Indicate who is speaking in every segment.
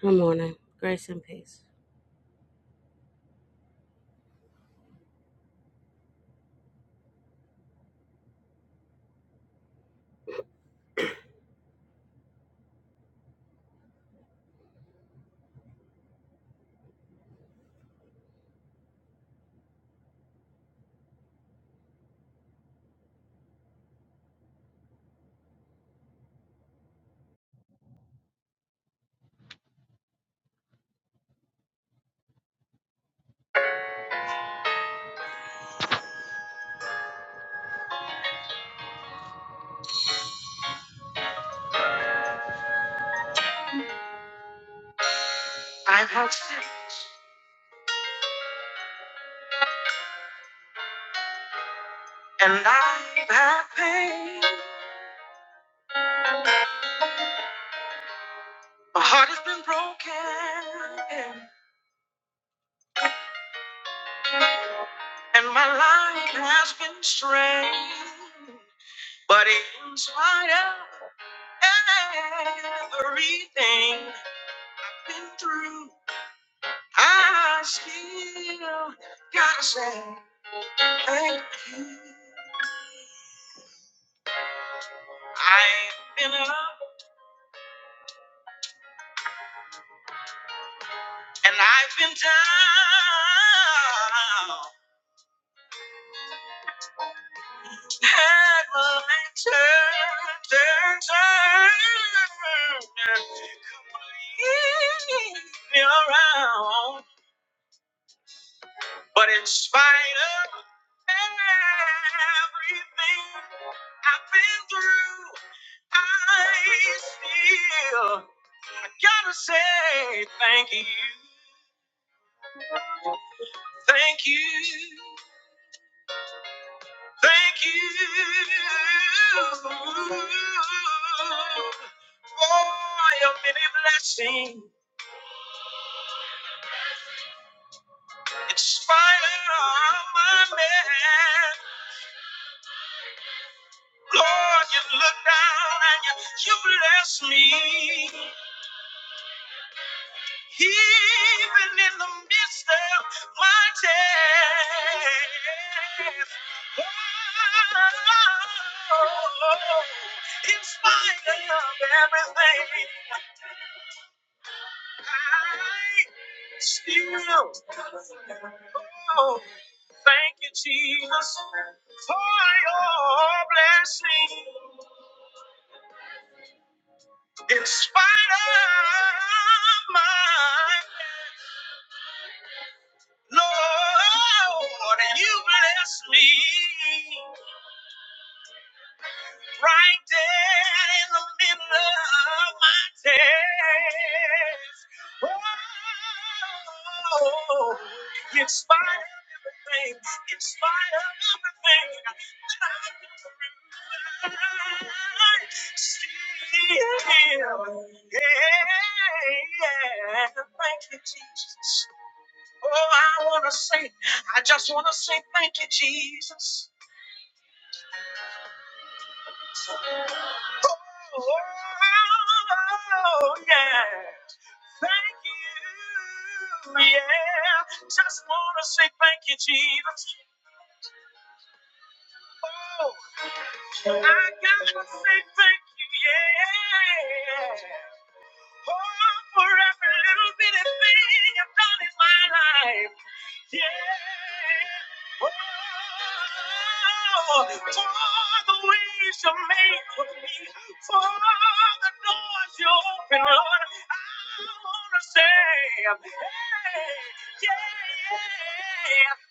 Speaker 1: Good morning. Grace and peace. I've had sin and I've had pain. My heart has been broken and my life has been strained. But in spite of everything I've been through, I still gotta say thank you. I've been up and I've been down. Head will turn, turn, turn. Completely around. But in spite of everything I've been through, I still I gotta say thank you, thank you. Thank you for your many blessings in spite of all my mess. Lord, you look down and you, you bless me. Even in the midst of my test. Oh, in spite of everything. Still, oh, thank you, Jesus, for your blessing in spite of my Lord. You bless me. right there in the middle of my test. Oh, in spite of everything, in spite of everything, I can remain still. Yeah, thank you, Jesus. Oh, I want to say, I just want to say thank you, Jesus. Oh, yeah. Thank you. Yeah. Just want to say thank you, Jesus. Oh, I got to say thank you. Yeah. Oh, for every little bitty thing I've done in my life. Yeah. Oh, for the ways you made for me, for the doors you open, Lord. I wanna say, hey, yeah. yeah.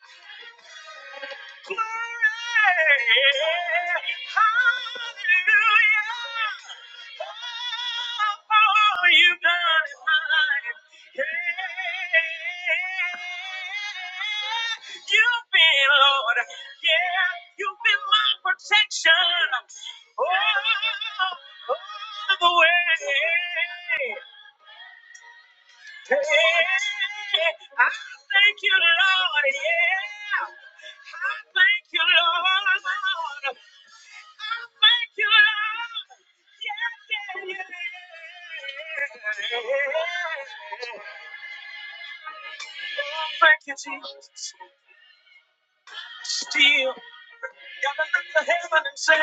Speaker 1: Glory, hallelujah. Oh, you have done it, my life. Yeah. You've been, Lord. Yeah, you've been my protection. All the way. Hey, I thank you, Lord. Yeah. I thank you, Lord. Lord. I thank you, Lord. Yeah, yeah, yeah. Oh, thank you, Jesus. Still, gotta look to heaven and say,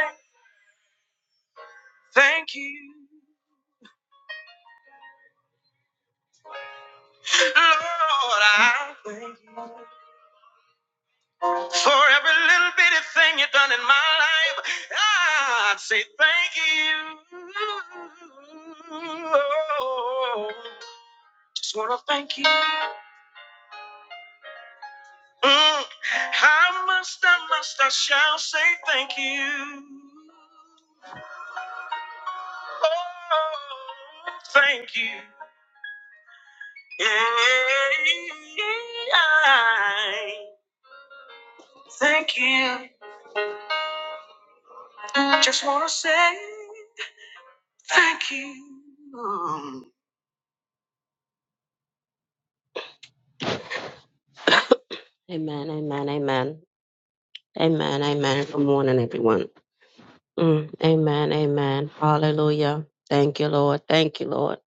Speaker 1: Thank you, Lord. I. For every little bitty thing you done in my life, I'd say thank you. Oh, Just wanna thank you. Mm, I must, I must, I shall say thank you. Oh, thank you. Yeah, thank you. Just wanna say thank you. Amen, amen, amen. Amen, amen. Good morning, everyone. Mm, amen, amen. Hallelujah. Thank you, Lord. Thank you, Lord.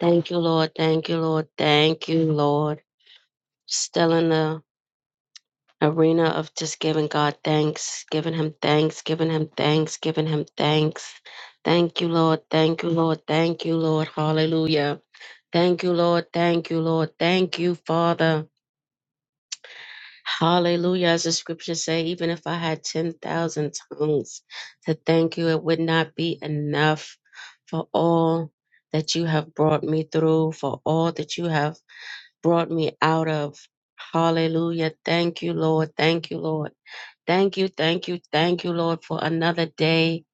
Speaker 1: Thank you, Lord. Thank you, Lord. Thank you, Lord. Still in the arena of just giving God thanks, giving Him thanks, giving Him thanks, giving Him thanks. Thank you, Lord. Thank you, Lord. Thank you, Lord. Hallelujah. Thank you, Lord. Thank you, Lord. Thank you, Father. Hallelujah. As the scriptures say, even if I had 10,000 tongues to thank you, it would not be enough for all that you have brought me through, for all that you have brought me out of. Hallelujah. Thank you, Lord. Thank you, Lord. Thank you, thank you, thank you, Lord, for another day.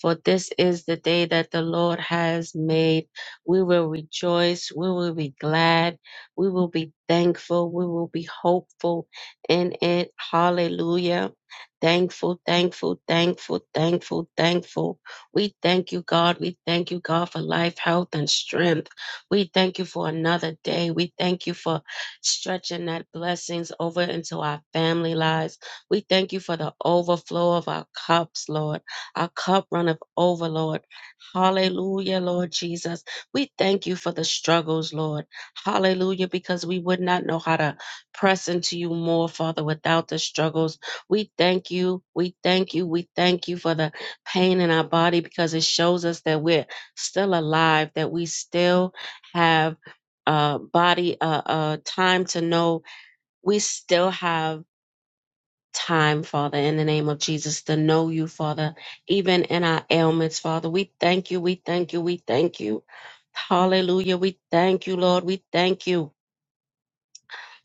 Speaker 1: For this is the day that the Lord has made. We will rejoice. We will be glad. We will be thankful. We will be hopeful in it. Hallelujah. Thankful, thankful, thankful, thankful, thankful. We thank you, God. We thank you, God, for life, health, and strength. We thank you for another day. We thank you for stretching that blessings over into our family lives we thank you for the overflow of our cups, Lord. Our cup runneth over, Lord. Hallelujah, Lord Jesus. We thank you for the struggles, Lord. Hallelujah, because we would not know how to press into you more, Father, without the struggles. We thank you. We thank you. We thank you for the pain in our body because it shows us that we're still alive, that we still have uh body uh uh time to know we still have time, Father, in the name of Jesus, to know you, Father, even in our ailments, Father. We thank you, we thank you, we thank you. Hallelujah. We thank you, Lord. We thank you.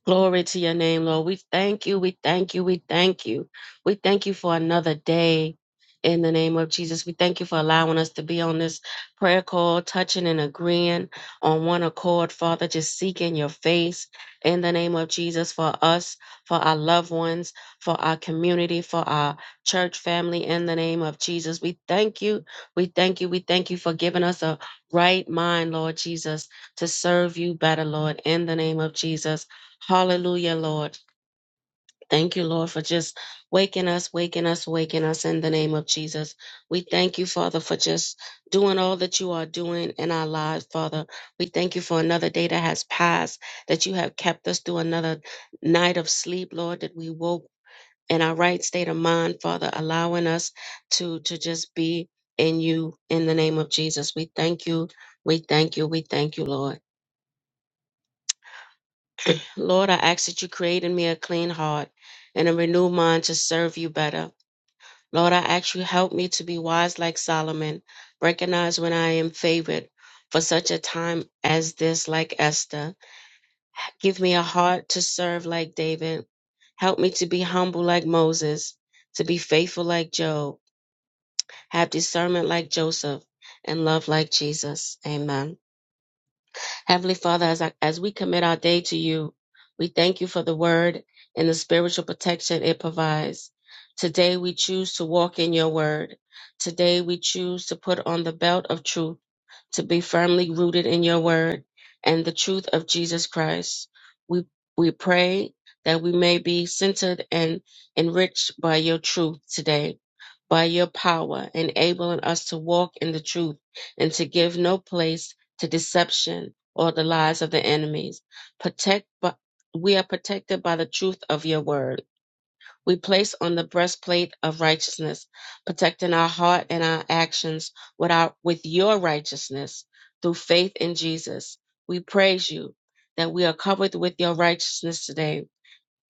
Speaker 1: Glory to your name, Lord. We thank you. We thank you. We thank you. We thank you for another day in the name of Jesus. We thank you for allowing us to be on this prayer call, touching and agreeing on one accord, Father, just seeking your face in the name of Jesus for us, for our loved ones, for our community, for our church family in the name of Jesus. We thank you. We thank you. We thank you for giving us a right mind, Lord Jesus, to serve you better, Lord, in the name of Jesus. Hallelujah, Lord. Thank you, Lord, for just waking us, waking us, waking us in the name of Jesus. We thank you, Father, for just doing all that you are doing in our lives, Father. We thank you for another day that has passed, that you have kept us through another night of sleep, Lord, that we woke in our right state of mind, Father, allowing us to, to just be in you in the name of Jesus. We thank you. We thank you. We thank you, Lord. Lord, I ask that you create in me a clean heart and a renewed mind to serve you better. Lord, I ask you help me to be wise like Solomon, recognize when I am favored for such a time as this, like Esther. Give me a heart to serve like David. Help me to be humble like Moses, to be faithful like Job, have discernment like Joseph, and love like Jesus. Amen. Heavenly Father, as, I, as we commit our day to you, we thank you for the word and the spiritual protection it provides. Today we choose to walk in your word. Today we choose to put on the belt of truth, to be firmly rooted in your word and the truth of Jesus Christ. We, we pray that we may be centered and enriched by your truth today, by your power, enabling us to walk in the truth and to give no place to deception or the lies of the enemies. Protect, we are protected by the truth of your word. We place on the breastplate of righteousness, protecting our heart and our actions with, our, with your righteousness through faith in Jesus. We praise you that we are covered with your righteousness today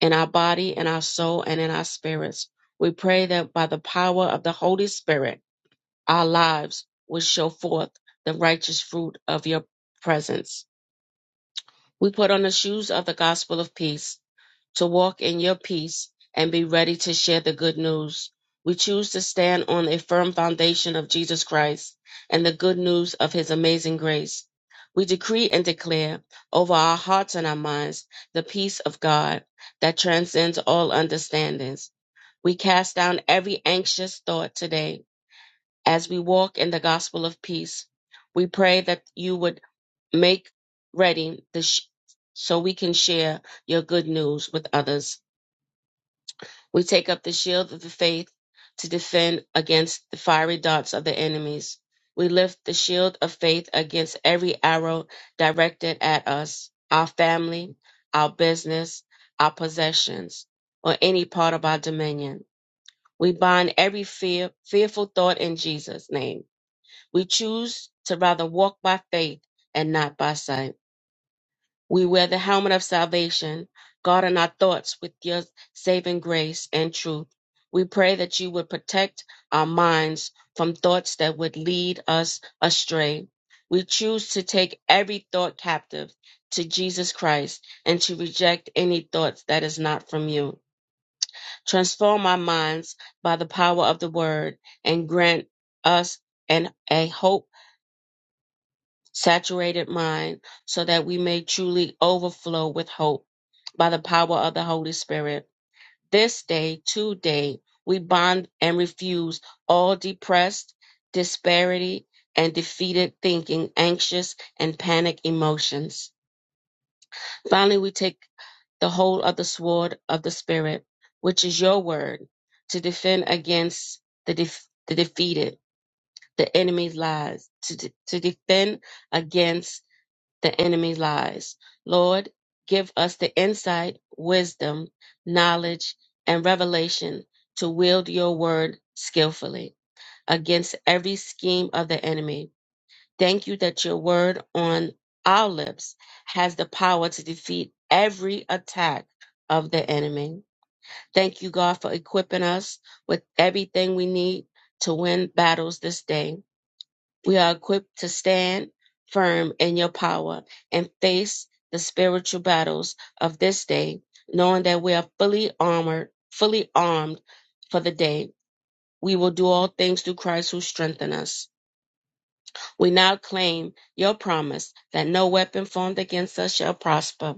Speaker 1: in our body, in our soul, and in our spirits. We pray that by the power of the Holy Spirit, our lives will show forth the righteous fruit of your presence. We put on the shoes of the gospel of peace to walk in your peace and be ready to share the good news. We choose to stand on a firm foundation of Jesus Christ and the good news of his amazing grace. We decree and declare over our hearts and our minds the peace of God that transcends all understandings. We cast down every anxious thought today as we walk in the gospel of peace. We pray that you would Make ready the sh- so we can share your good news with others. We take up the shield of the faith to defend against the fiery darts of the enemies. We lift the shield of faith against every arrow directed at us, our family, our business, our possessions, or any part of our dominion. We bind every fear, fearful thought in Jesus' name. We choose to rather walk by faith and not by sight. We wear the helmet of salvation, guarding our thoughts with your saving grace and truth. We pray that you would protect our minds from thoughts that would lead us astray. We choose to take every thought captive to Jesus Christ and to reject any thoughts that is not from you. Transform our minds by the power of the word and grant us an, a hope saturated mind, so that we may truly overflow with hope by the power of the Holy Spirit. This day, today, we bond and refuse all depressed, disparity, and defeated thinking, anxious, and panic emotions. Finally, we take the whole of the sword of the Spirit, which is your word, to defend against the, def- the defeated, the enemy's lies, to, de- to defend against the enemy lies. Lord, give us the insight, wisdom, knowledge, and revelation to wield your word skillfully against every scheme of the enemy. Thank you that your word on our lips has the power to defeat every attack of the enemy. Thank you, God, for equipping us with everything we need to win battles this day. We are equipped to stand firm in your power and face the spiritual battles of this day, knowing that we are fully armored, fully armed for the day. We will do all things through Christ who strengthens us. We now claim your promise that no weapon formed against us shall prosper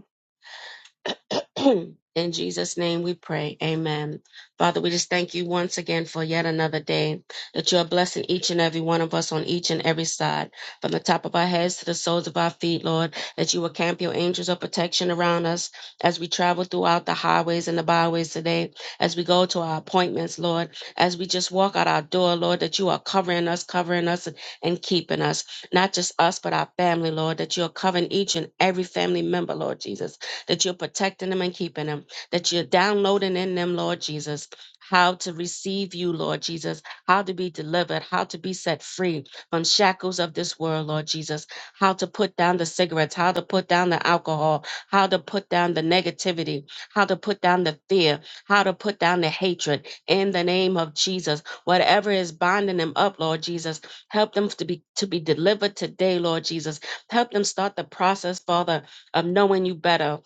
Speaker 1: In Jesus' name we pray. Amen. Father, we just thank you once again for yet another day that you are blessing each and every one of us on each and every side, from the top of our heads to the soles of our feet, Lord, that you will camp your angels of protection around us as we travel throughout the highways and the byways today, as we go to our appointments, Lord, as we just walk out our door, Lord, that you are covering us, covering us, and keeping us. Not just us, but our family, Lord, that you are covering each and every family member, Lord Jesus that you're protecting them and keeping them, that you're downloading in them, Lord Jesus, how to receive you, Lord Jesus, how to be delivered, how to be set free from shackles of this world, Lord Jesus, how to put down the cigarettes, how to put down the alcohol, how to put down the negativity, how to put down the fear, how to put down the hatred in the name of Jesus. Whatever is binding them up, Lord Jesus, help them to be to be delivered today, Lord Jesus. Help them start the process, Father, of knowing you better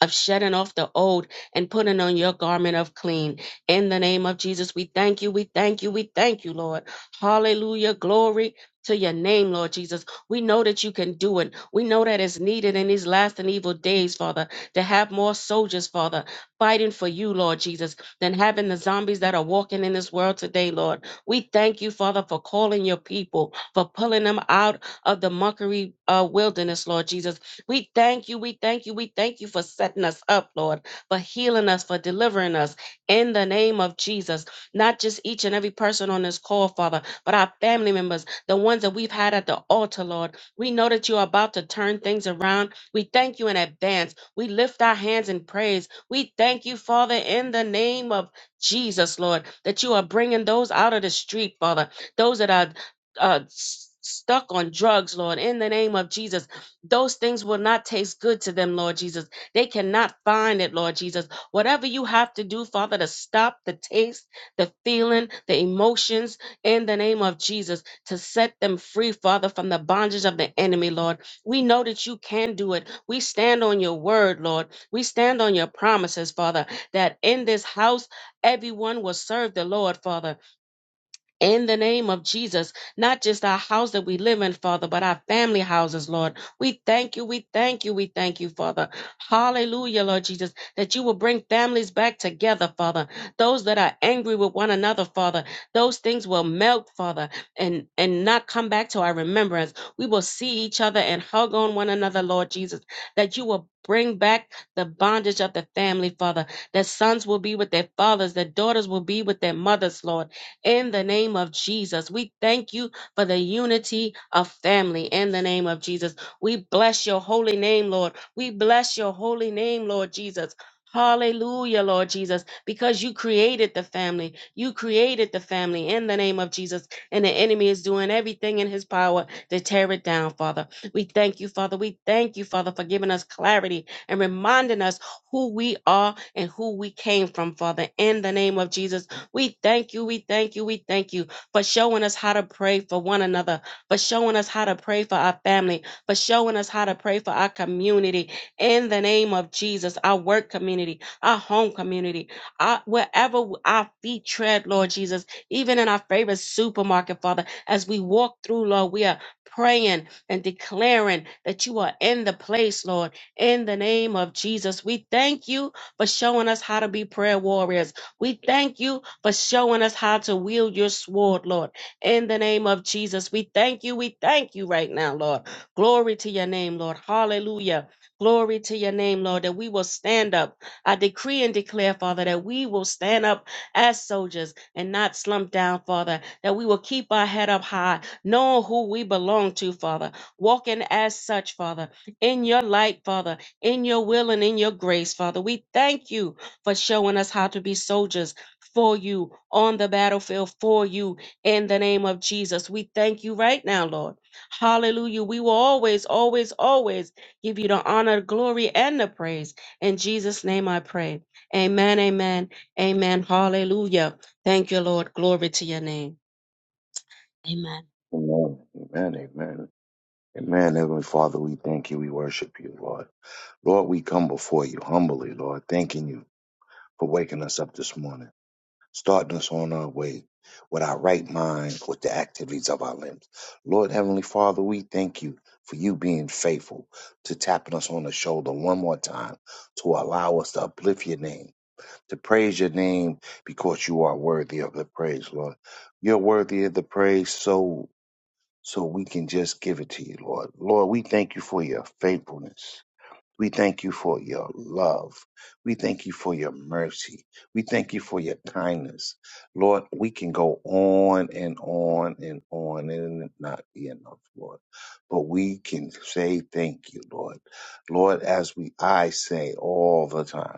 Speaker 1: of shedding off the old and putting on your garment of clean. In the name of Jesus, we thank you, we thank you, we thank you, Lord. Hallelujah. Glory to your name, Lord Jesus. We know that you can do it. We know that it's needed in these last and evil days, Father, to have more soldiers, Father, fighting for you, Lord Jesus, than having the zombies that are walking in this world today, Lord. We thank you, Father, for calling your people, for pulling them out of the mockery uh, wilderness, Lord Jesus we thank you, we thank you, we thank you for setting us up, Lord, for healing us, for delivering us in the name of Jesus. Not just each and every person on this call, Father, but our family members, the ones that we've had at the altar, Lord. We know that you are about to turn things around. We thank you in advance. We lift our hands in praise. We thank you, Father, in the name of Jesus, Lord, that you are bringing those out of the street, Father, those that are uh, s- stuck on drugs, Lord, in the name of Jesus those things will not taste good to them, Lord Jesus. They cannot find it, Lord Jesus. Whatever you have to do, Father, to stop the taste, the feeling, the emotions in the name of Jesus, to set them free, Father, from the bondage of the enemy, Lord. We know that you can do it. We stand on your word, Lord. We stand on your promises, Father, that in this house, everyone will serve the Lord, Father in the name of Jesus, not just our house that we live in, Father, but our family houses, Lord. We thank you, we thank you, we thank you, Father. Hallelujah, Lord Jesus, that you will bring families back together, Father. Those that are angry with one another, Father, those things will melt, Father, and, and not come back to our remembrance. We will see each other and hug on one another, Lord Jesus, that you will bring back the bondage of the family, Father, that sons will be with their fathers, that daughters will be with their mothers, Lord in the name of Jesus. We thank you for the unity of family in the name of Jesus. We bless your holy name, Lord. We bless your holy name, Lord Jesus. Hallelujah, Lord Jesus, because you created the family. You created the family in the name of Jesus, and the enemy is doing everything in his power to tear it down, Father. We thank you, Father. We thank you, Father, for giving us clarity and reminding us who we are and who we came from, Father, in the name of Jesus. We thank you, we thank you, we thank you for showing us how to pray for one another, for showing us how to pray for our family, for showing us how to pray for our community in the name of Jesus, our work community, our home community, our, wherever our feet tread, Lord Jesus, even in our favorite supermarket, Father, as we walk through, Lord, we are praying and declaring that you are in the place, Lord, in the name of Jesus. We thank you for showing us how to be prayer warriors. We thank you for showing us how to wield your sword, Lord. In the name of Jesus, we thank you. We thank you right now, Lord. Glory to your name, Lord. Hallelujah. Glory to your name, Lord, that we will stand up. I decree and declare, Father, that we will stand up as soldiers and not slump down, Father, that we will keep our head up high, knowing who we belong to, Father, walking as such, Father, in your light, Father, in your will and in your grace, Father. We thank you for showing us how to be soldiers for you on the battlefield for you in the name of Jesus. We thank you right now, Lord. Hallelujah. We will always, always, always give you the honor, glory, and the praise. In Jesus' name I pray. Amen, amen, amen. Hallelujah. Thank you, Lord. Glory to your name. Amen.
Speaker 2: Amen. Amen. Amen. Amen. Heavenly Father, we thank you. We worship you, Lord. Lord, we come before you humbly, Lord, thanking you for waking us up this morning, starting us on our way with our right mind, with the activities of our limbs. Lord, Heavenly Father, we thank you for you being faithful to tapping us on the shoulder one more time to allow us to uplift your name, to praise your name because you are worthy of the praise, Lord. You're worthy of the praise, so so we can just give it to you, Lord. Lord, we thank you for your faithfulness. We thank you for your love. We thank you for your mercy. We thank you for your kindness. Lord, we can go on and on and on and it not be enough, Lord. But we can say thank you, Lord. Lord, as we I say all the time.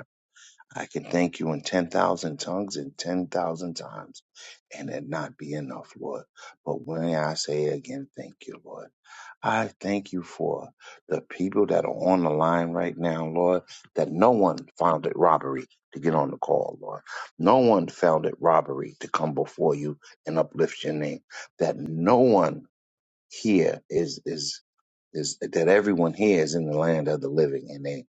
Speaker 2: I can thank you in 10,000 tongues and 10,000 times and it not be enough, Lord. But when I say it again, thank you, Lord. I thank you for the people that are on the line right now, Lord, that no one found it robbery to get on the call, Lord. No one found it robbery to come before you and uplift your name. That no one here is is is that everyone here is in the land of the living and they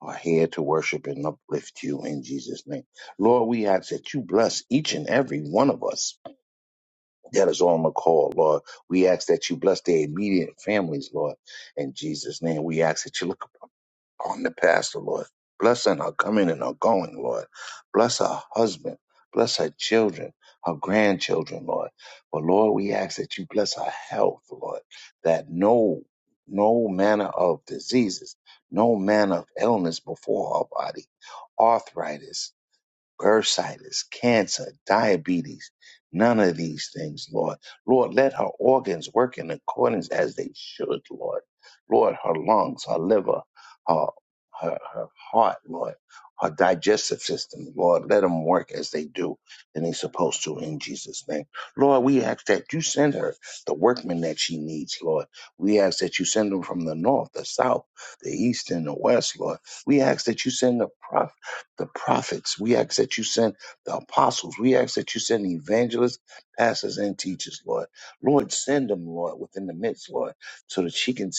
Speaker 2: are here to worship and uplift you in Jesus' name. Lord, we ask that you bless each and every one of us that is on the call, Lord. We ask that you bless their immediate families, Lord, in Jesus' name. We ask that you look on the pastor, Lord. blessing her coming and her going, Lord. Bless her husband. Bless her children, her grandchildren, Lord. But Lord, we ask that you bless her health, Lord, that no no manner of diseases, no manner of illness before her body, arthritis, bursitis, cancer, diabetes, none of these things, Lord. Lord, let her organs work in accordance as they should, Lord. Lord, her lungs, her liver, her her, her heart, Lord, her digestive system, Lord. Let them work as they do and they're supposed to in Jesus' name. Lord, we ask that you send her the workmen that she needs, Lord. We ask that you send them from the north, the south, the east, and the west, Lord. We ask that you send the prof- the prophets. We ask that you send the apostles. We ask that you send evangelists, pastors, and teachers, Lord. Lord, send them, Lord, within the midst, Lord, so that she can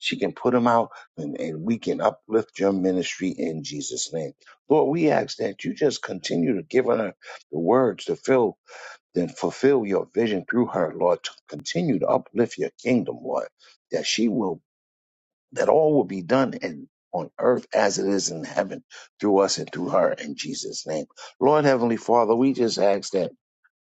Speaker 2: she can put them out and, and we can uplift your ministry in Jesus' name. Lord, we ask that you just continue to give her the words to fill, then fulfill your vision through her, Lord, to continue to uplift your kingdom, Lord, that she will, that all will be done and on earth as it is in heaven through us and through her in Jesus' name. Lord Heavenly Father, we just ask that.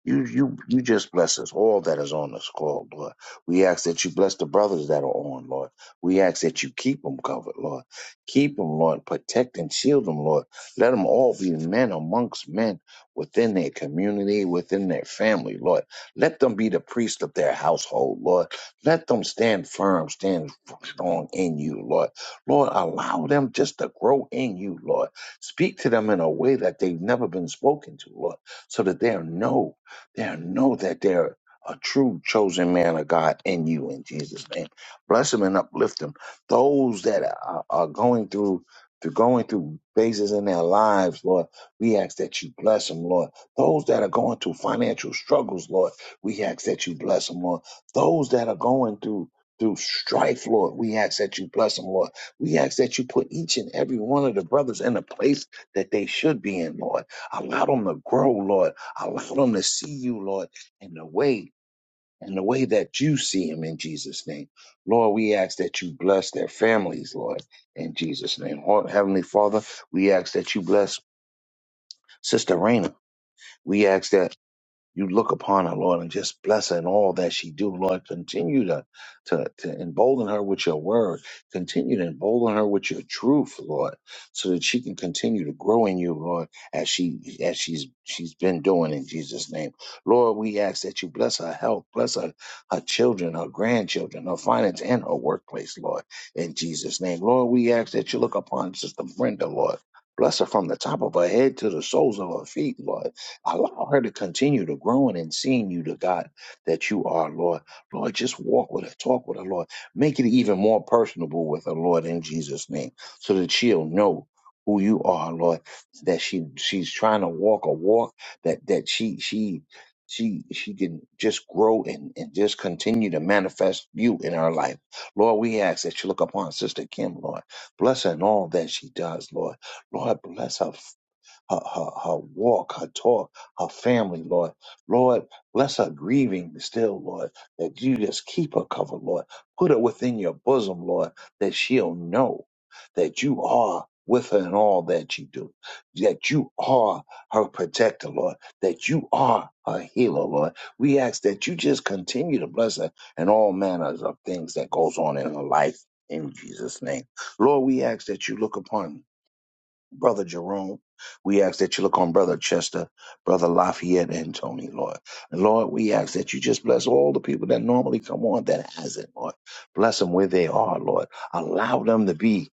Speaker 2: You you you just bless us, all that is on this call, Lord. We ask that you bless the brothers that are on, Lord. We ask that you keep them covered, Lord. Keep them, Lord. Protect and shield them, Lord. Let them all be men amongst men within their community, within their family, Lord. Let them be the priest of their household, Lord. Let them stand firm, stand strong in you, Lord. Lord, allow them just to grow in you, Lord. Speak to them in a way that they've never been spoken to, Lord, so that they'll know. They'll know that they're a true chosen man of God in you in Jesus' name. Bless them and uplift them. Those that are, are going through through going through phases in their lives, Lord, we ask that you bless them, Lord. Those that are going through financial struggles, Lord, we ask that you bless them, Lord. Those that are going through through strife, Lord, we ask that you bless them, Lord. We ask that you put each and every one of the brothers in a place that they should be in, Lord. Allow them to grow, Lord. Allow them to see you, Lord, in the way, in the way that you see them in Jesus' name. Lord, we ask that you bless their families, Lord, in Jesus' name. Lord, Heavenly Father, we ask that you bless Sister Raina. We ask that you look upon her, Lord, and just bless her in all that she do, Lord. Continue to, to, to embolden her with your word. Continue to embolden her with your truth, Lord, so that she can continue to grow in you, Lord, as she as she's she's been doing in Jesus' name. Lord, we ask that you bless her health, bless her, her children, her grandchildren, her finance, and her workplace, Lord, in Jesus' name. Lord, we ask that you look upon Sister Brenda, Lord. Bless her from the top of her head to the soles of her feet, Lord Allow her to continue to growing and seeing you, the God that you are, Lord. Lord, just walk with her, talk with her, Lord. Make it even more personable with her, Lord, in Jesus' name, so that she'll know who you are, Lord. That she she's trying to walk a walk that that she she she she can just grow and, and just continue to manifest you in her life. Lord, we ask that you look upon Sister Kim, Lord. Bless her in all that she does, Lord. Lord, bless her her, her, her walk, her talk, her family, Lord. Lord, bless her grieving still, Lord, that you just keep her covered, Lord. Put her within your bosom, Lord, that she'll know that you are with her in all that you do, that you are her protector, Lord, that you are her healer, Lord. We ask that you just continue to bless her and all manners of things that goes on in her life in Jesus' name. Lord, we ask that you look upon Brother Jerome. We ask that you look on Brother Chester, Brother Lafayette, and Tony, Lord. And Lord, we ask that you just bless all the people that normally come on that hasn't, Lord. Bless them where they are, Lord. Allow them to be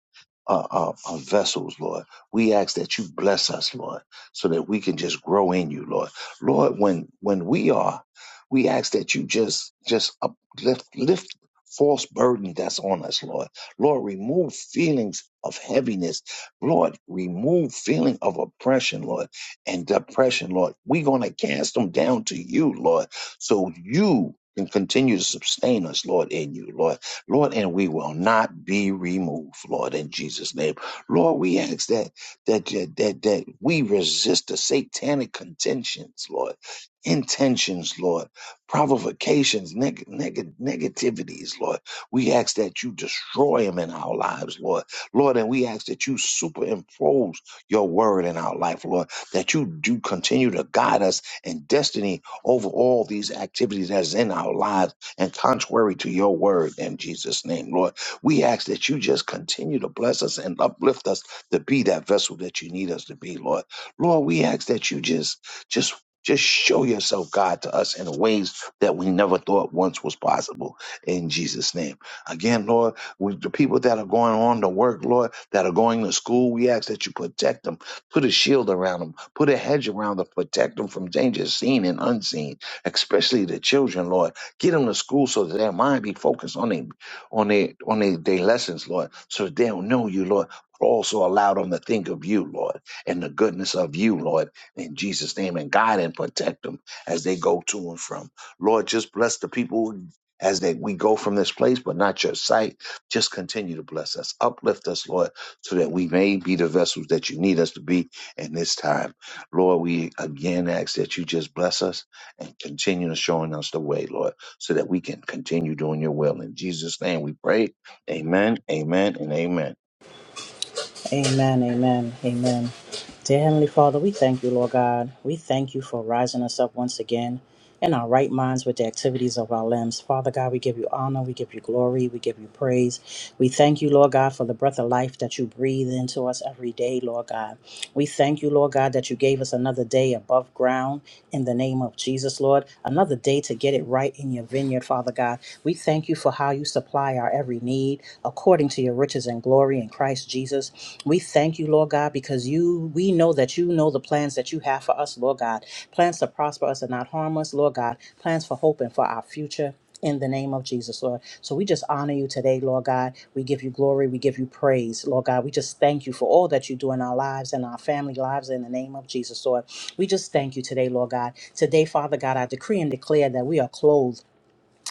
Speaker 2: uh, uh, uh, vessels, Lord. We ask that you bless us, Lord, so that we can just grow in you, Lord. Lord, when when we are, we ask that you just just uplift, lift false burden that's on us, Lord. Lord, remove feelings of heaviness Lord, remove feeling of oppression, Lord, and depression, Lord. We're going to cast them down to you, Lord, so you can continue to sustain us, Lord, in you, Lord. Lord, and we will not be removed, Lord, in Jesus' name. Lord, we ask that that that that, that we resist the satanic contentions, Lord, intentions, Lord, provocations, neg- neg- negativities, Lord. We ask that you destroy them in our lives, Lord Lord, and we ask that you superimpose your word in our life, Lord, that you do continue to guide us in destiny over all these activities that's in our lives and contrary to your word in Jesus' name, Lord. We ask that you just continue to bless us and uplift us to be that vessel that you need us to be, Lord. Lord, we ask that you just, just just show yourself, God, to us in ways that we never thought once was possible in Jesus' name. Again, Lord. With the people that are going on to work, Lord, that are going to school, we ask that you protect them. Put a shield around them. Put a hedge around them. Protect them from dangers seen and unseen, especially the children, Lord. Get them to school so that their mind be focused on their on their on their, their lessons, Lord, so that they'll know you, Lord. But also allow them to think of you, Lord, and the goodness of you, Lord, in Jesus' name, and guide and protect them as they go to and from. Lord, just bless the people as they we go from this place, but not your sight. Just continue to bless us. Uplift us, Lord, so that we may be the vessels that you need us to be in this time. Lord, we again ask that you just bless us and continue to showing us the way, Lord, so that we can continue doing your will. In Jesus' name we pray. Amen, amen, and amen.
Speaker 3: Amen, amen, amen. Dear Heavenly Father, we thank you, Lord God. We thank you for rising us up once again in our right minds with the activities of our limbs. Father God, we give you honor, we give you glory, we give you praise. We thank you, Lord God, for the breath of life that you breathe into us every day, Lord God. We thank you, Lord God, that you gave us another day above ground in the name of Jesus, Lord. Another day to get it right in your vineyard, Father God. We thank you for how you supply our every need according to your riches and glory in Christ Jesus. We thank you, Lord God, because you we know that you know the plans that you have for us, Lord God. Plans to prosper us and not harm us, Lord God. Plans for hope and for our future in the name of Jesus, Lord. So we just honor you today, Lord God. We give you glory. We give you praise, Lord God. We just thank you for all that you do in our lives and our family lives in the name of Jesus, Lord. We just thank you today, Lord God. Today, Father God, I decree and declare that we are clothed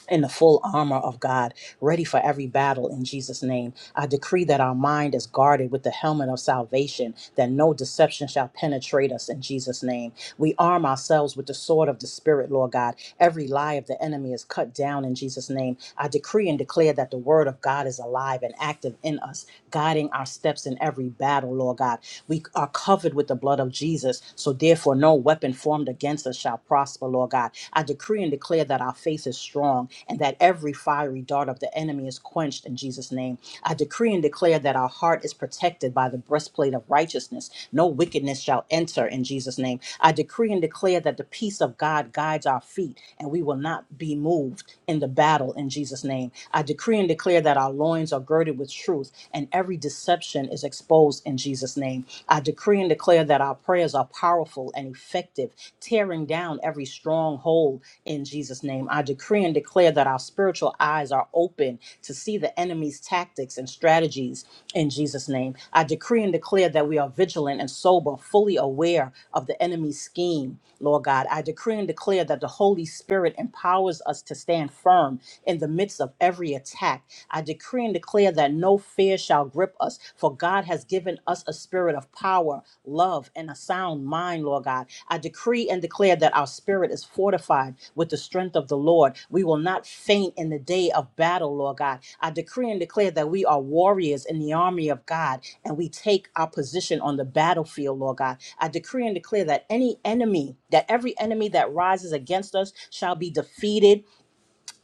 Speaker 3: in the full armor of God, ready for every battle in Jesus' name. I decree that our mind is guarded with the helmet of salvation, that no deception shall penetrate us in Jesus' name. We arm ourselves with the sword of the Spirit, Lord God. Every lie of the enemy is cut down in Jesus' name. I decree and declare that the word of God is alive and active in us, guiding our steps in every battle, Lord God. We are covered with the blood of Jesus, so therefore no weapon formed against against us shall prosper, Lord God. I decree and declare that our faith is strong and that every fiery dart of the enemy is quenched in Jesus' name. I decree and declare that our heart is protected by the breastplate of righteousness. No wickedness shall enter in Jesus' name. I decree and declare that the peace of God guides our feet and we will not be moved in the battle in Jesus' name. I decree and declare that our loins are girded with truth and every deception is exposed in Jesus' name name. I decree and declare that our prayers are powerful and effective, tearing down every stronghold in Jesus' name. I decree and declare that our spiritual eyes are open to see the enemy's tactics and strategies in Jesus' name. I decree and declare that we are vigilant and sober, fully aware of the enemy's scheme, Lord God. I decree and declare that the Holy Spirit empowers us to stand firm in the midst of every attack. I decree and declare declare that no fear shall grip us, for God has given us a spirit of power, love, and a sound mind, Lord God. I decree and declare that our spirit is fortified with the strength of the Lord. We will not faint in the day of battle, Lord God. I decree and declare that we are warriors in the army of God and we take our position on the battlefield, Lord God. I decree and declare that any enemy, that every enemy that rises against us shall be defeated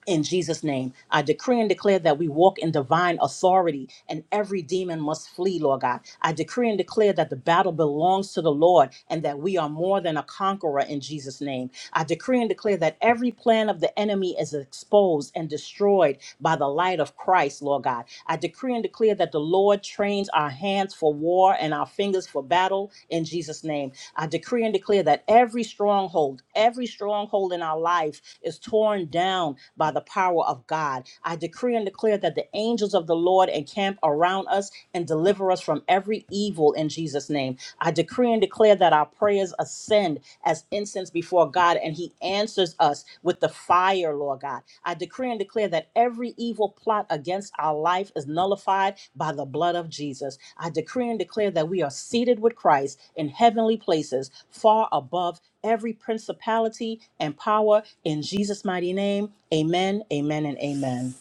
Speaker 3: in Jesus' name. I decree and declare that we walk in divine authority and every demon must flee, Lord God. I decree and declare that the battle belongs to the Lord and that we are more than a conqueror in Jesus' name. I decree and declare that every plan of the enemy is exposed and destroyed by the light of Christ, Lord God. I decree and declare that the Lord trains our our hands for war and our fingers for battle in Jesus' name. I decree and declare that every stronghold, every stronghold in our life is torn down by the power of God. I decree and declare that the angels of the Lord encamp around us and deliver us from every evil in Jesus' name. I decree and declare that our prayers ascend as incense incense before God and he answers us with the fire, Lord God. I decree and declare that every evil plot against our life is nullified by the blood of Jesus. I decree and declare that we are seated with Christ in heavenly places, far above every principality and power in Jesus' mighty name. Amen, amen, and amen.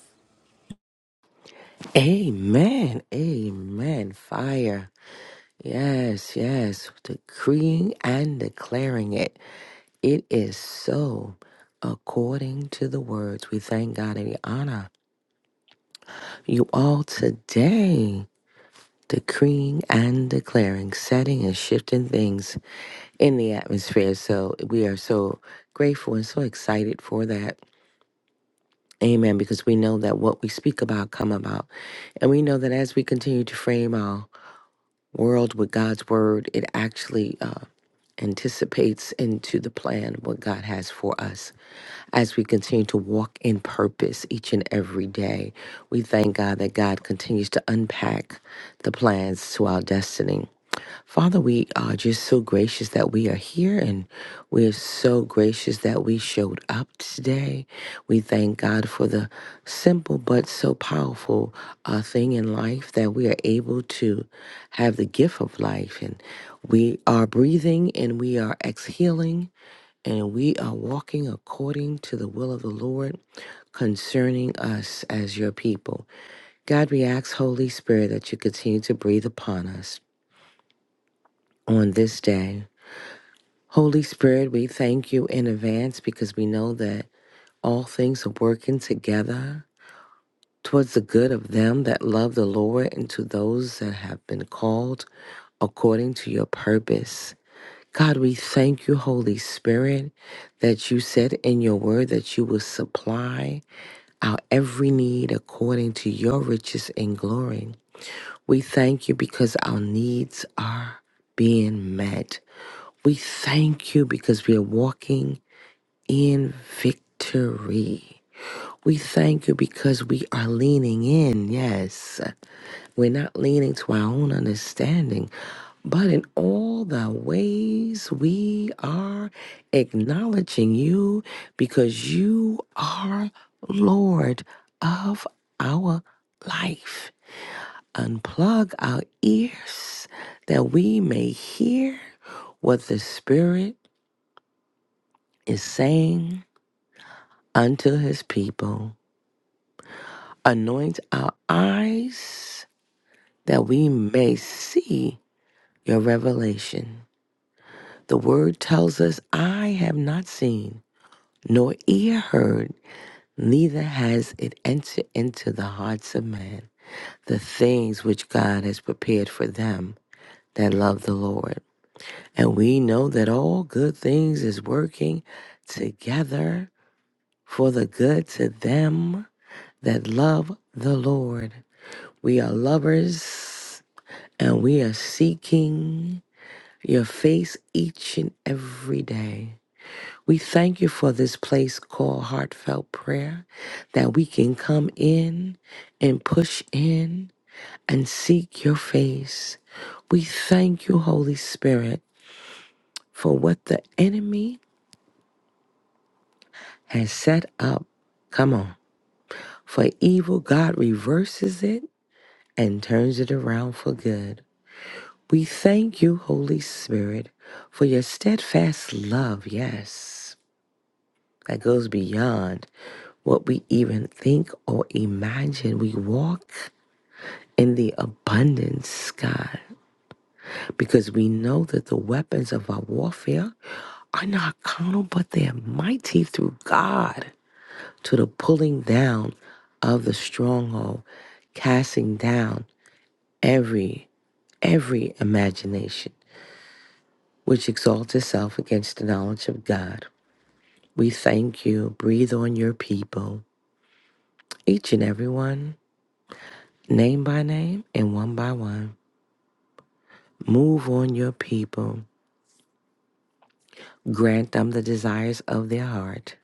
Speaker 4: Amen. Amen. Fire. Yes, yes. Decreeing and declaring it. It is so according to the words. We thank God and we honor you all today. Decreeing and declaring, setting and shifting things in the atmosphere. So we are so grateful and so excited for that. Amen. Because we know that what we speak about come about. And we know that as we continue to frame our world with God's word, it actually uh, anticipates into the plan what God has for us. As we continue to walk in purpose each and every day, we thank God that God continues to unpack the plans to our destiny. Father, we are just so gracious that we are here and we are so gracious that we showed up today. We thank God for the simple but so powerful uh, thing in life that we are able to have the gift of life and we are breathing and we are exhaling and we are walking according to the will of the Lord concerning us as your people. God, we ask, Holy Spirit, that you continue to breathe upon us on this day. Holy Spirit, we thank you in advance because we know that all things are working together towards the good of them that love the Lord and to those that have been called according to your purpose. God, we thank you, Holy Spirit, that you said in your word that you will supply our every need according to your riches and glory. We thank you because our needs are being met. We thank you because we are walking in victory. We thank you because we are leaning in. Yes, we're not leaning to our own understanding, but in all the ways we are acknowledging you because you are Lord of our life. Unplug our ears that we may hear what the Spirit is saying unto his people. Anoint our eyes that we may see your revelation. The word tells us, I have not seen, nor ear heard, neither has it entered into the hearts of men, the things which God has prepared for them that love the Lord. And we know that all good things is working together for the good to them that love the Lord. We are lovers And we are seeking your face each and every day. We thank you for this place called heartfelt prayer, that we can come in and push in and seek your face. We thank you, Holy Spirit, for what the enemy has set up. Come on. For evil, God reverses it and turns it around for good. We thank you, Holy Spirit, for your steadfast love, yes, that goes beyond what we even think or imagine. We walk in the abundance, God, because we know that the weapons of our warfare are not carnal, but they are mighty through God to the pulling down of the stronghold, casting down every every imagination which exalts itself against the knowledge of God We thank you. Breathe on your people, each and every one, name by name and one by one. Move on your people. Grant them the desires of their heart,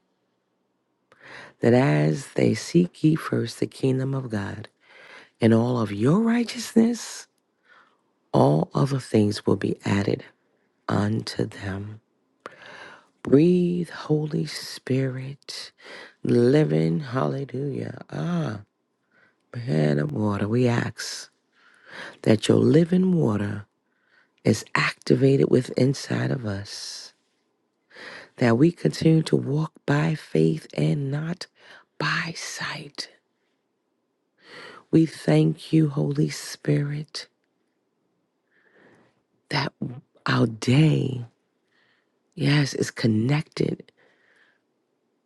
Speaker 4: that as they seek ye first the kingdom of God and all of your righteousness, all other things will be added unto them. Breathe, Holy Spirit, living, hallelujah. Ah, man of water, we ask that your living water is activated within inside of us. That we continue to walk by faith and not by sight. We thank you, Holy Spirit, that our day, yes, is connected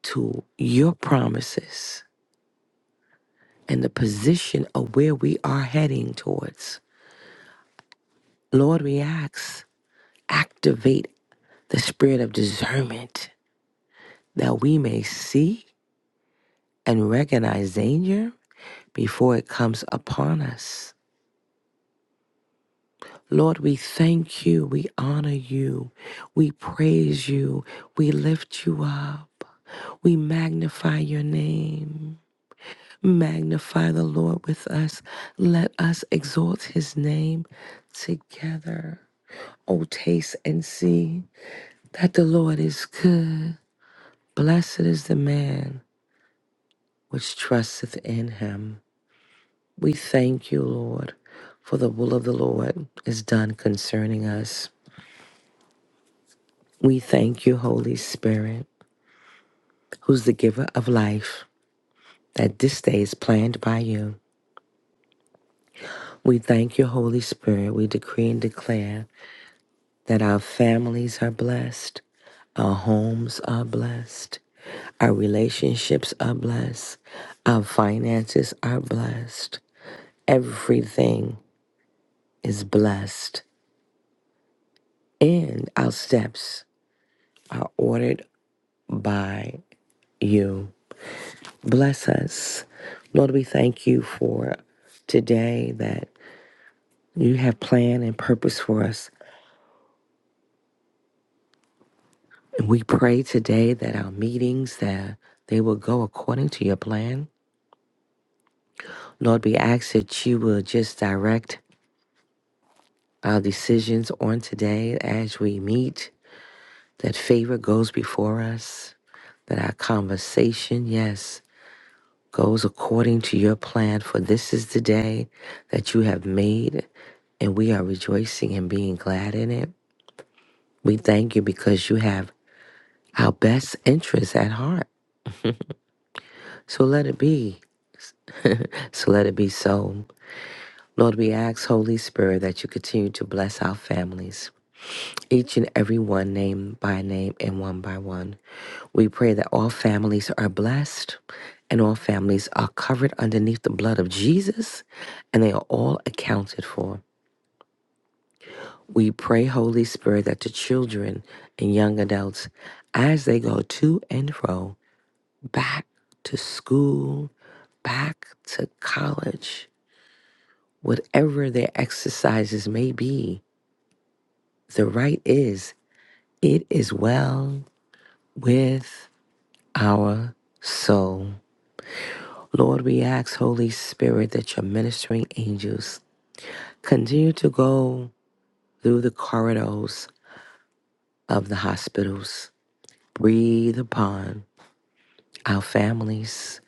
Speaker 4: to your promises and the position of where we are heading towards. Lord, we ask, activate the spirit of discernment that we may see and recognize danger before it comes upon us. Lord, we thank you. We honor you. We praise you. We lift you up. We magnify your name. Magnify the Lord with us. Let us exalt his name together. Oh, taste and see that the Lord is good. Blessed is the man which trusteth in him. We thank you, Lord, for the will of the Lord is done concerning us. We thank you, Holy Spirit, who's the giver of life, that this day is planned by you. We thank you, Holy Spirit. We decree and declare that our families are blessed, our homes are blessed, our relationships are blessed, our finances are blessed. Everything is blessed, and our steps are ordered by you. Bless us. Lord, we thank you for today that you have plan and purpose for us. And we pray today that our meetings that they will go according to your plan. Lord, we ask that you will just direct our decisions on today as we meet, that favor goes before us, that our conversation, yes, goes according to your plan, for this is the day that you have made, and we are rejoicing and being glad in it. We thank you because you have our best interests at heart. So let it be. so let it be so. Lord, we ask, Holy Spirit, that you continue to bless our families, each and every one, name by name and one by one. We pray that all families are blessed and all families are covered underneath the blood of Jesus and they are all accounted for. We pray, Holy Spirit, that the children and young adults, as they go to and fro, back to school, back to college, whatever their exercises may be, the right is, it is well with our soul. Lord, we ask, Holy Spirit, that your ministering angels continue to go through the corridors of the hospitals. Breathe upon our families.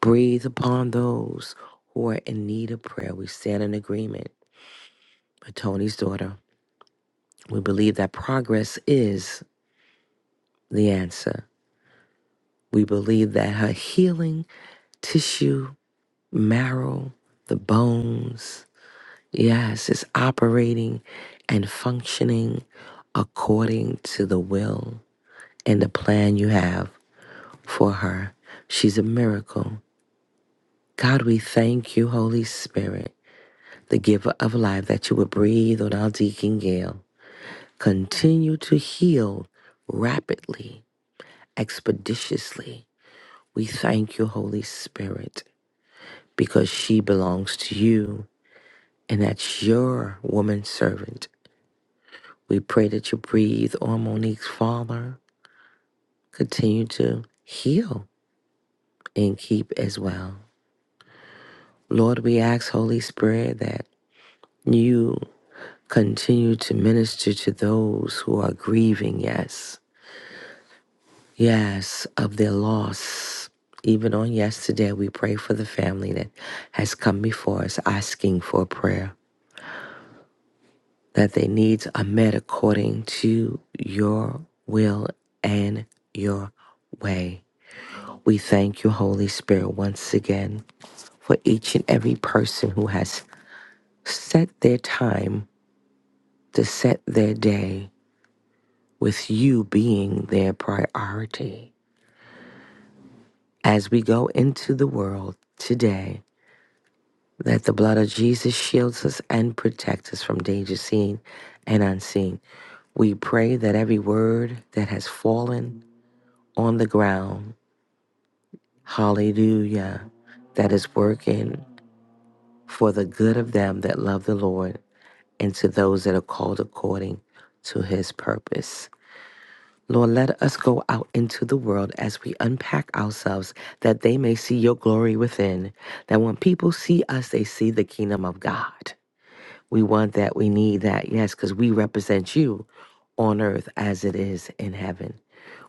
Speaker 4: Breathe upon those who are in need of prayer. We stand in agreement with Tony's daughter. We believe that progress is the answer. We believe that her healing tissue, marrow, the bones, yes, is operating and functioning according to the will and the plan you have for her. She's a miracle. God, we thank you, Holy Spirit. the giver of life, that you would breathe on our Deacon Gale. Continue to heal rapidly, expeditiously. We thank you, Holy Spirit, because she belongs to you and that's your woman servant. We pray that you breathe on Monique's father. Continue to heal and keep as well. Lord, we ask, Holy Spirit, that you continue to minister to those who are grieving, yes Yes, of their loss. Even on yesterday, we pray for the family that has come before us asking for prayer, that their needs are met according to your will and your way. We thank you, Holy Spirit, once again for each and every person who has set their time to set their day with you being their priority. As we go into the world today, that the blood of Jesus shields us and protects us from danger seen and unseen. We pray that every word that has fallen on the ground, hallelujah, that is working for the good of them that love the Lord and to those that are called according to his purpose. Lord, let us go out into the world as we unpack ourselves that they may see your glory within. That when people see us, they see the kingdom of God. We want that. We need that. Yes, because we represent you on earth as it is in heaven.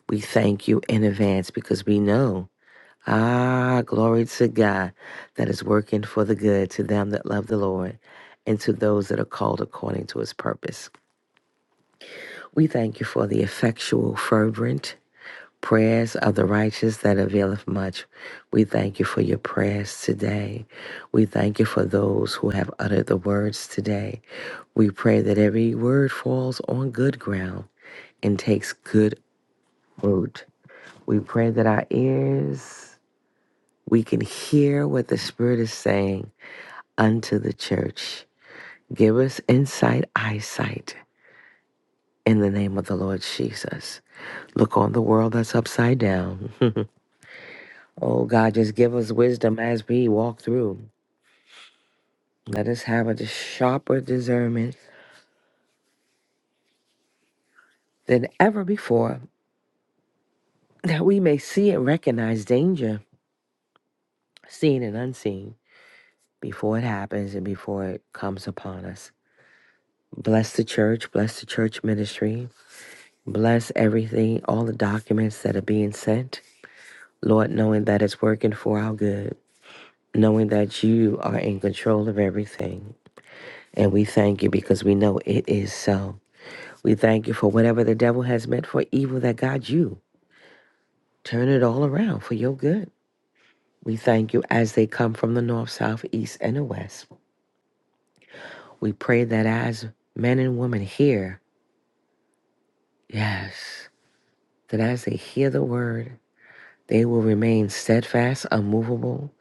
Speaker 4: We thank you in advance because we know, ah, glory to God, that is working for the good to them that love the Lord and to those that are called according to his purpose. We thank you for the effectual, fervent, Prayers of the righteous that availeth much. We thank you for your prayers today. We thank you for those who have uttered the words today. We pray that every word falls on good ground and takes good root. We pray that our ears, we can hear what the Spirit is saying unto the church. Give us insight, eyesight, in the name of the Lord Jesus. Look on the world that's upside down. Oh God, just give us wisdom as we walk through. Let us have a sharper discernment than ever before, that we may see and recognize danger, seen and unseen, before it happens and before it comes upon us. Bless the church, bless the church ministry, bless everything, all the documents that are being sent. Lord, knowing that it's working for our good, knowing that you are in control of everything. And we thank you because we know it is so. We thank you for whatever the devil has meant for evil that God you. Turn it all around for your good. We thank you as they come from the north, south, east, and the west. We pray that as men and women hear, yes, that as they hear the word, they will remain steadfast, unmovable,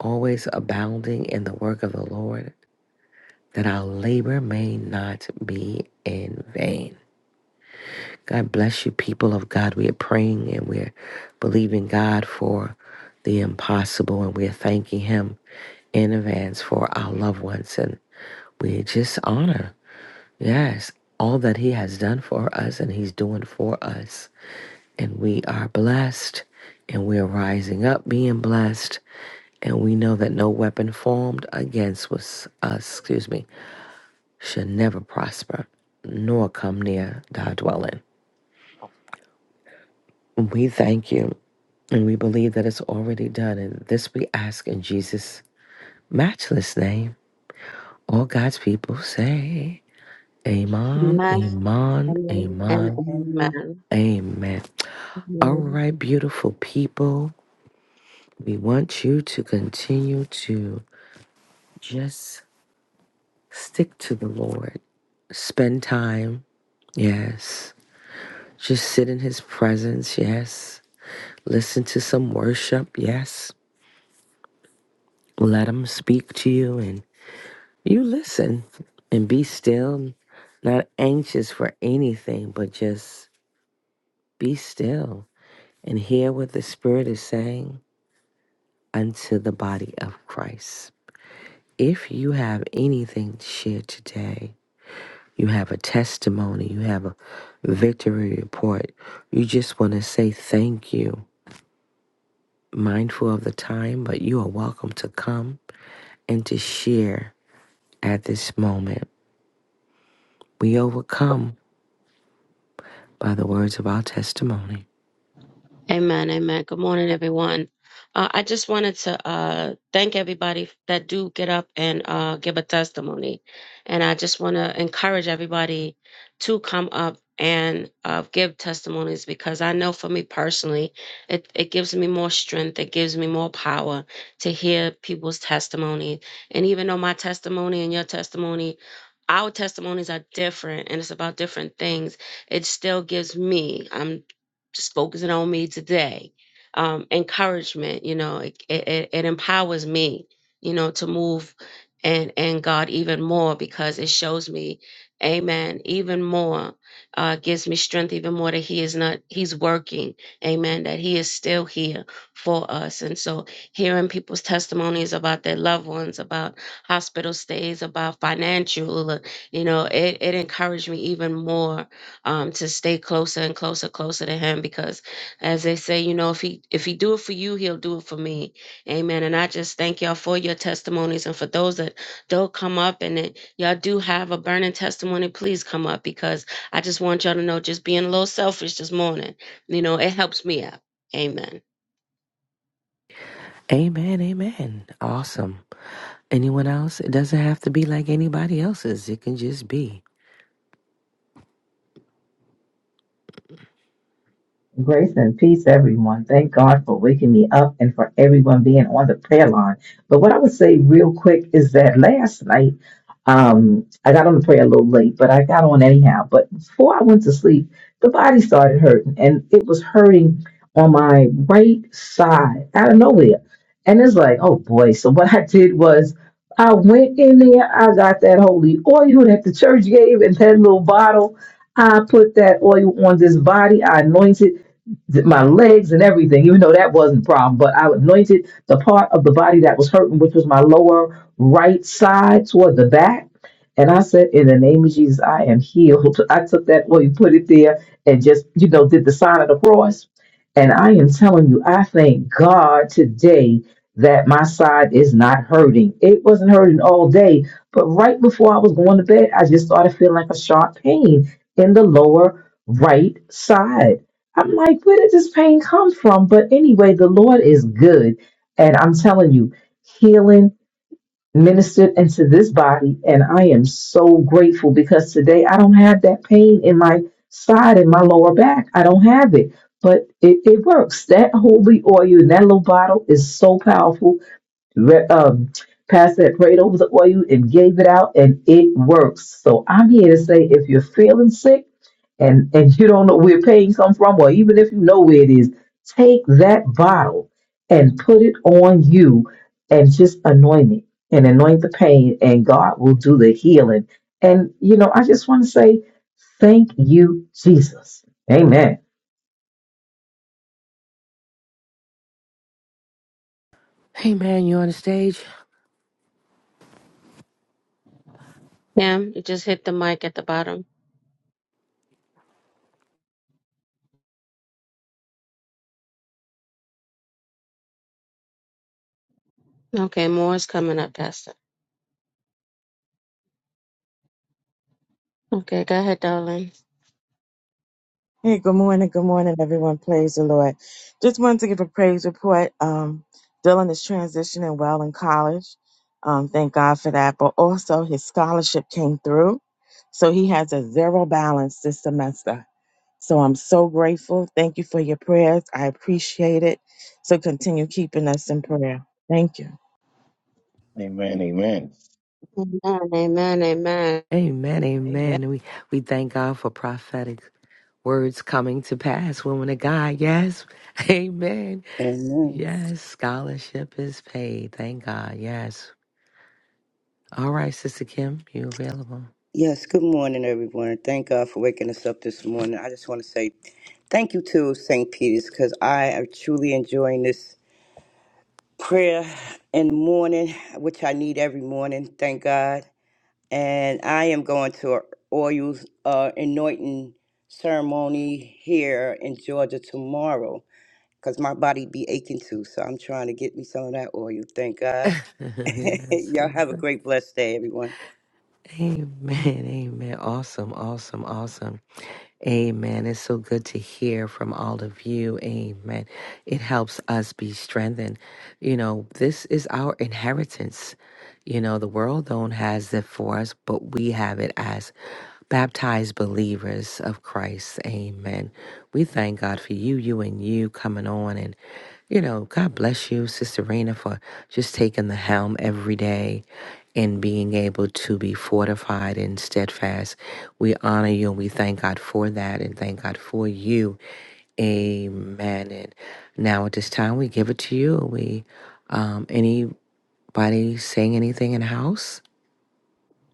Speaker 4: always abounding in the work of the Lord, that our labor may not be in vain. God bless you, people of God. We are praying and we're believing God for the impossible, and we're thanking Him in advance for our loved ones. And we just honor, yes, all that He has done for us and He's doing for us. And we are blessed, and we're rising up being blessed. And we know that no weapon formed against us, us, excuse me, should never prosper, nor come near thy dwelling. We thank you. And we believe that it's already done. And this we ask in Jesus' matchless name. All God's people say, Amen,
Speaker 1: Amen.
Speaker 4: Amen,
Speaker 1: Amen. And
Speaker 4: Amen,
Speaker 1: amen.
Speaker 4: Amen. All
Speaker 1: Amen.
Speaker 4: right, beautiful people, we want you to continue to just stick to the Lord. Spend time, yes. Just sit in His presence, yes. Listen to some worship, yes. Let Him speak to you and. You listen and be still, not anxious for anything, but just be still and hear what the Spirit is saying unto the body of Christ. If you have anything to share today, you have a testimony, you have a victory report, you just want to say thank you, mindful of the time, but you are welcome to come and to share at this moment. We overcome by the words of our testimony.
Speaker 1: Amen, amen. Good morning, everyone. Uh, I just wanted to uh, thank everybody that do get up and uh, give a testimony, and I just want to encourage everybody to come up and uh, give testimonies because I know for me personally, it it gives me more strength, it gives me more power to hear people's testimony, and even though my testimony and your testimony. Our testimonies are different and it's about different things. It still gives me just focusing on me today. Um, encouragement, you know, it, it, it empowers me, you know, to move and and God even more because it shows me, Amen, even more, uh, gives me strength even more that He is not He's working, Amen, that He is still here for us. And so, hearing people's testimonies about their loved ones, about hospital stays, about financial, you know, it it encouraged me even more um, to stay closer and closer, closer to Him. Because, as they say, you know, if He if He do it for you, He'll do it for me. Amen. And I just thank y'all for your testimonies, and for those that don't come up, and that y'all do have a burning testimony, please come up because I just want y'all to know, just being a little selfish this morning, you know, it helps me out. Amen.
Speaker 4: Amen, amen. Awesome. Anyone else? It doesn't have to be like anybody else's. It can just be.
Speaker 5: Grace and peace, everyone. Thank God for waking me up and for everyone being on the prayer line. But what I would say real quick is that last night, um, I got on the prayer a little late, but I got on anyhow. But before I went to sleep, the body started hurting and it was hurting on my right side out of nowhere. And it's like, oh boy. So what I did was I went in there, I got that holy oil that the church gave and that little bottle. I put that oil on this body. I anointed my legs and everything, even though that wasn't a problem. But I anointed the part of the body that was hurting, which was my lower right side toward the back. And I said, In the name of Jesus, I am healed. I took that oil, put it there, and just, you know, did the sign of the cross. And I am telling you, I thank God today that my side is not hurting. It wasn't hurting all day, but right before I was going to bed, I just started feeling like a sharp pain in the lower right side I'm like, where did this pain come from? But anyway, the Lord is good. And I'm telling you, healing ministered into this body. And I am so grateful because today I don't have that pain in my side, in my lower back. I don't have it. But it, it works. That holy oil in that little bottle is so powerful re- um, passed that prayed over the oil and gave it out, and it works. So I'm here to say if you're feeling sick and, and you don't know where pain comes from, or even if you know where it is, take that bottle and put it on you and just anoint it and anoint the pain, and God will do the healing. And, you know, I just want to say thank you, Jesus. Amen.
Speaker 4: Amen. you on the stage?
Speaker 1: Yeah, you just hit the mic at the bottom. Okay, more is coming up, Pastor. Okay, go ahead, darling.
Speaker 6: Hey, good morning. Good morning, everyone. Praise the Lord. Just wanted to give a praise report. Um, Dylan is transitioning well in college. Um, thank God for that. But also, his scholarship came through. So he has a zero balance this semester. So I'm so grateful. Thank you for your prayers. I appreciate it. So continue keeping us in prayer. Thank you.
Speaker 2: Amen, amen.
Speaker 1: Amen. Amen. Amen.
Speaker 4: Amen, amen. And we, we thank God for prophetic words coming to pass. Woman of God, yes. Amen.
Speaker 7: Amen.
Speaker 4: Yes, scholarship is paid. Thank God. Yes. All right, Sister Kim, you available.
Speaker 7: Yes, good morning, everyone. Thank God for waking us up this morning. I just want to say thank you to St. Peter's because I am truly enjoying this prayer in the morning, which I need every morning. Thank God. And I am going to an oil uh, anointing ceremony here in Georgia tomorrow because my body be aching too. So I'm trying to get me some of that oil. Thank God.
Speaker 4: yes.
Speaker 7: Y'all have a great, blessed day, everyone.
Speaker 4: Amen. Amen. Awesome. Awesome. Awesome. Amen. It's so good to hear from all of you. Amen. It helps us be strengthened. You know, this is our inheritance. You know, the world don't has it for us, but we have it as baptized believers of Christ. Amen. We thank God for you, you and you coming on and. You know, God bless you, Sister Raina, for just taking the helm every day and being able to be fortified and steadfast. We honor you and we thank God for that and thank God for you. Amen. And now at this time, we give it to you. We, um, anybody saying anything in the house?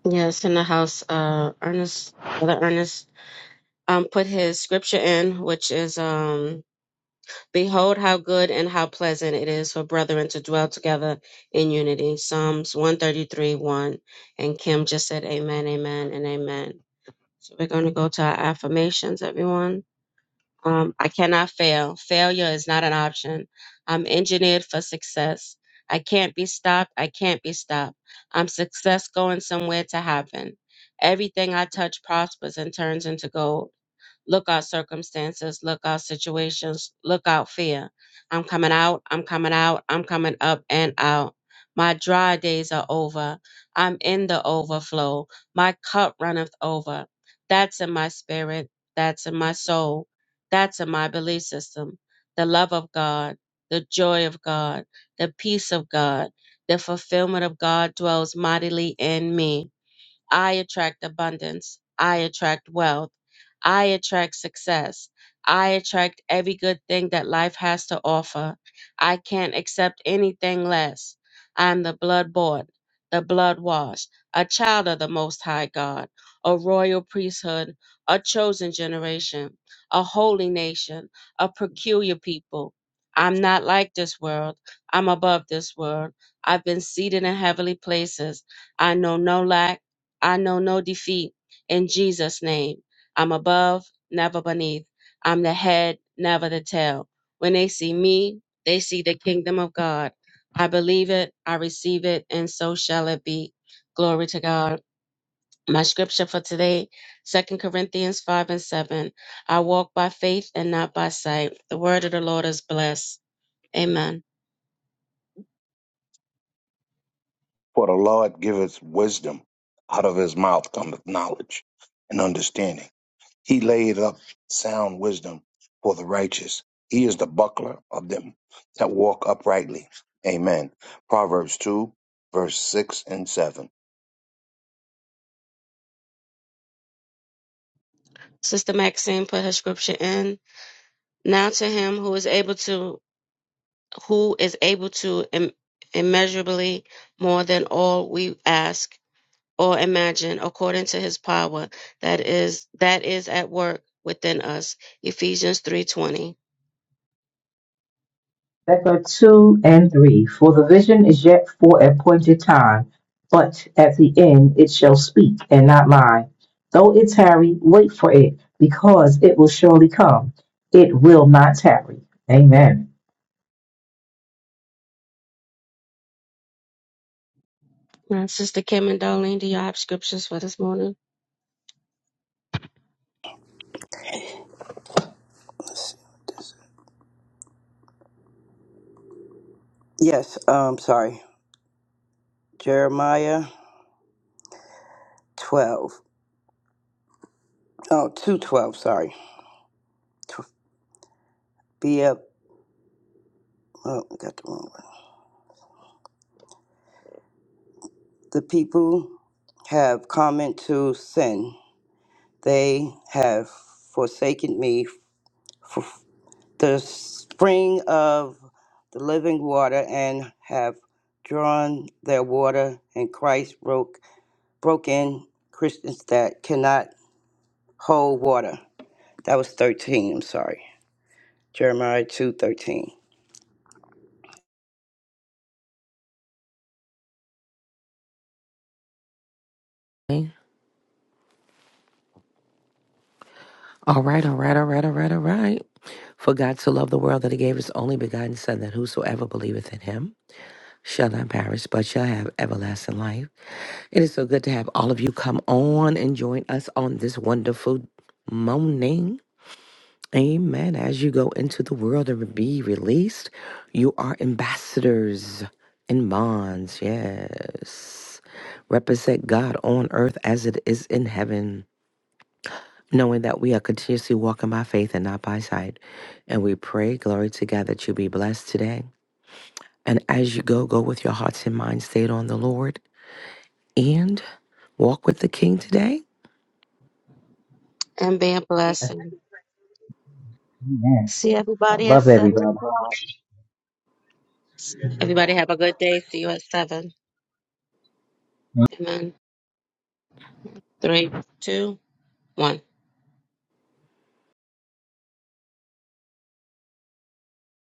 Speaker 1: Yes, in the house, uh, Ernest, Brother Ernest, um, put his scripture in, which is, um, Behold how good and how pleasant it is for brethren to dwell together in unity. Psalms 133, 1. And Kim just said, Amen, amen, and amen. So we're going to go to our affirmations, everyone. Um, I cannot fail. Failure is not an option. I'm engineered for success. I can't be stopped. I can't be stopped. I'm success going somewhere to happen. Everything I touch prospers and turns into gold. Look out circumstances, look out situations, look out fear. I'm coming out, I'm coming out, I'm coming up and out. My dry days are over. I'm in the overflow. My cup runneth over. That's in my spirit. That's in my soul. That's in my belief system. The love of God, the joy of God, the peace of God, the fulfillment of God dwells mightily in me. I attract abundance. I attract wealth. I attract success. I attract every good thing that life has to offer. I can't accept anything less. I'm the blood bought, the blood washed, a child of the Most High God, a royal priesthood, a chosen generation, a holy nation, a peculiar people. I'm not like this world. I'm above this world. I've been seated in heavenly places. I know no lack. I know no defeat in Jesus' name. I'm above, never beneath. I'm the head, never the tail. When they see me, they see the kingdom of God. I believe it, I receive it, and so shall it be. Glory to God. My scripture for today, Second Corinthians 5 and 7. I walk by faith and not by sight. The word of the Lord is blessed. Amen.
Speaker 2: For the Lord giveth wisdom. Out of his mouth cometh knowledge and understanding. He laid up sound wisdom for the righteous. He is the buckler of them that walk uprightly. Amen. Proverbs 2, verse 6 and 7.
Speaker 1: Sister Maxine put her scripture in. Now to him who is able to who is able to im- immeasurably more than all we ask or imagine according to his power that is that is at work within us ephesians 3.20
Speaker 5: Becca 2 and 3 For the vision is yet for a appointed time, but at the end it shall speak and not lie. Though it tarry, wait for it, because it will surely come. It will not tarry. Amen.
Speaker 1: now sister kim and darlene do y'all have scriptures for this morning
Speaker 7: Yes, um, sorry. Jeremiah 12. Oh, two twelve, sorry. Tw- Be up. Oh, I got the wrong one. The people have come into sin. They have forsaken me for the spring of the living water and have drawn their water, and Christ broke broke in Christians that cannot hold water. That was 13, I'm sorry. Jeremiah two thirteen.
Speaker 4: Okay. All right, all right, all right, all right, all right. For God so loved the world that he gave his only begotten Son, that whosoever believeth in him shall not perish, but shall have everlasting life. It is so good to have all of you come on and join us on this wonderful morning. Amen. As you go into the world and be released, you are ambassadors in bonds. Yes. Represent God on earth as it is in heaven, knowing that we are continuously walking by faith and not by sight. And we pray, glory to God, that you be blessed today. And as you go, go with your hearts and minds stayed on the Lord and walk with the King today
Speaker 1: and be a blessing
Speaker 5: Amen.
Speaker 1: see
Speaker 5: I
Speaker 1: everybody at
Speaker 5: love
Speaker 1: seven
Speaker 5: everybody.
Speaker 1: o'clock everybody have a good day see you at seven amen three two one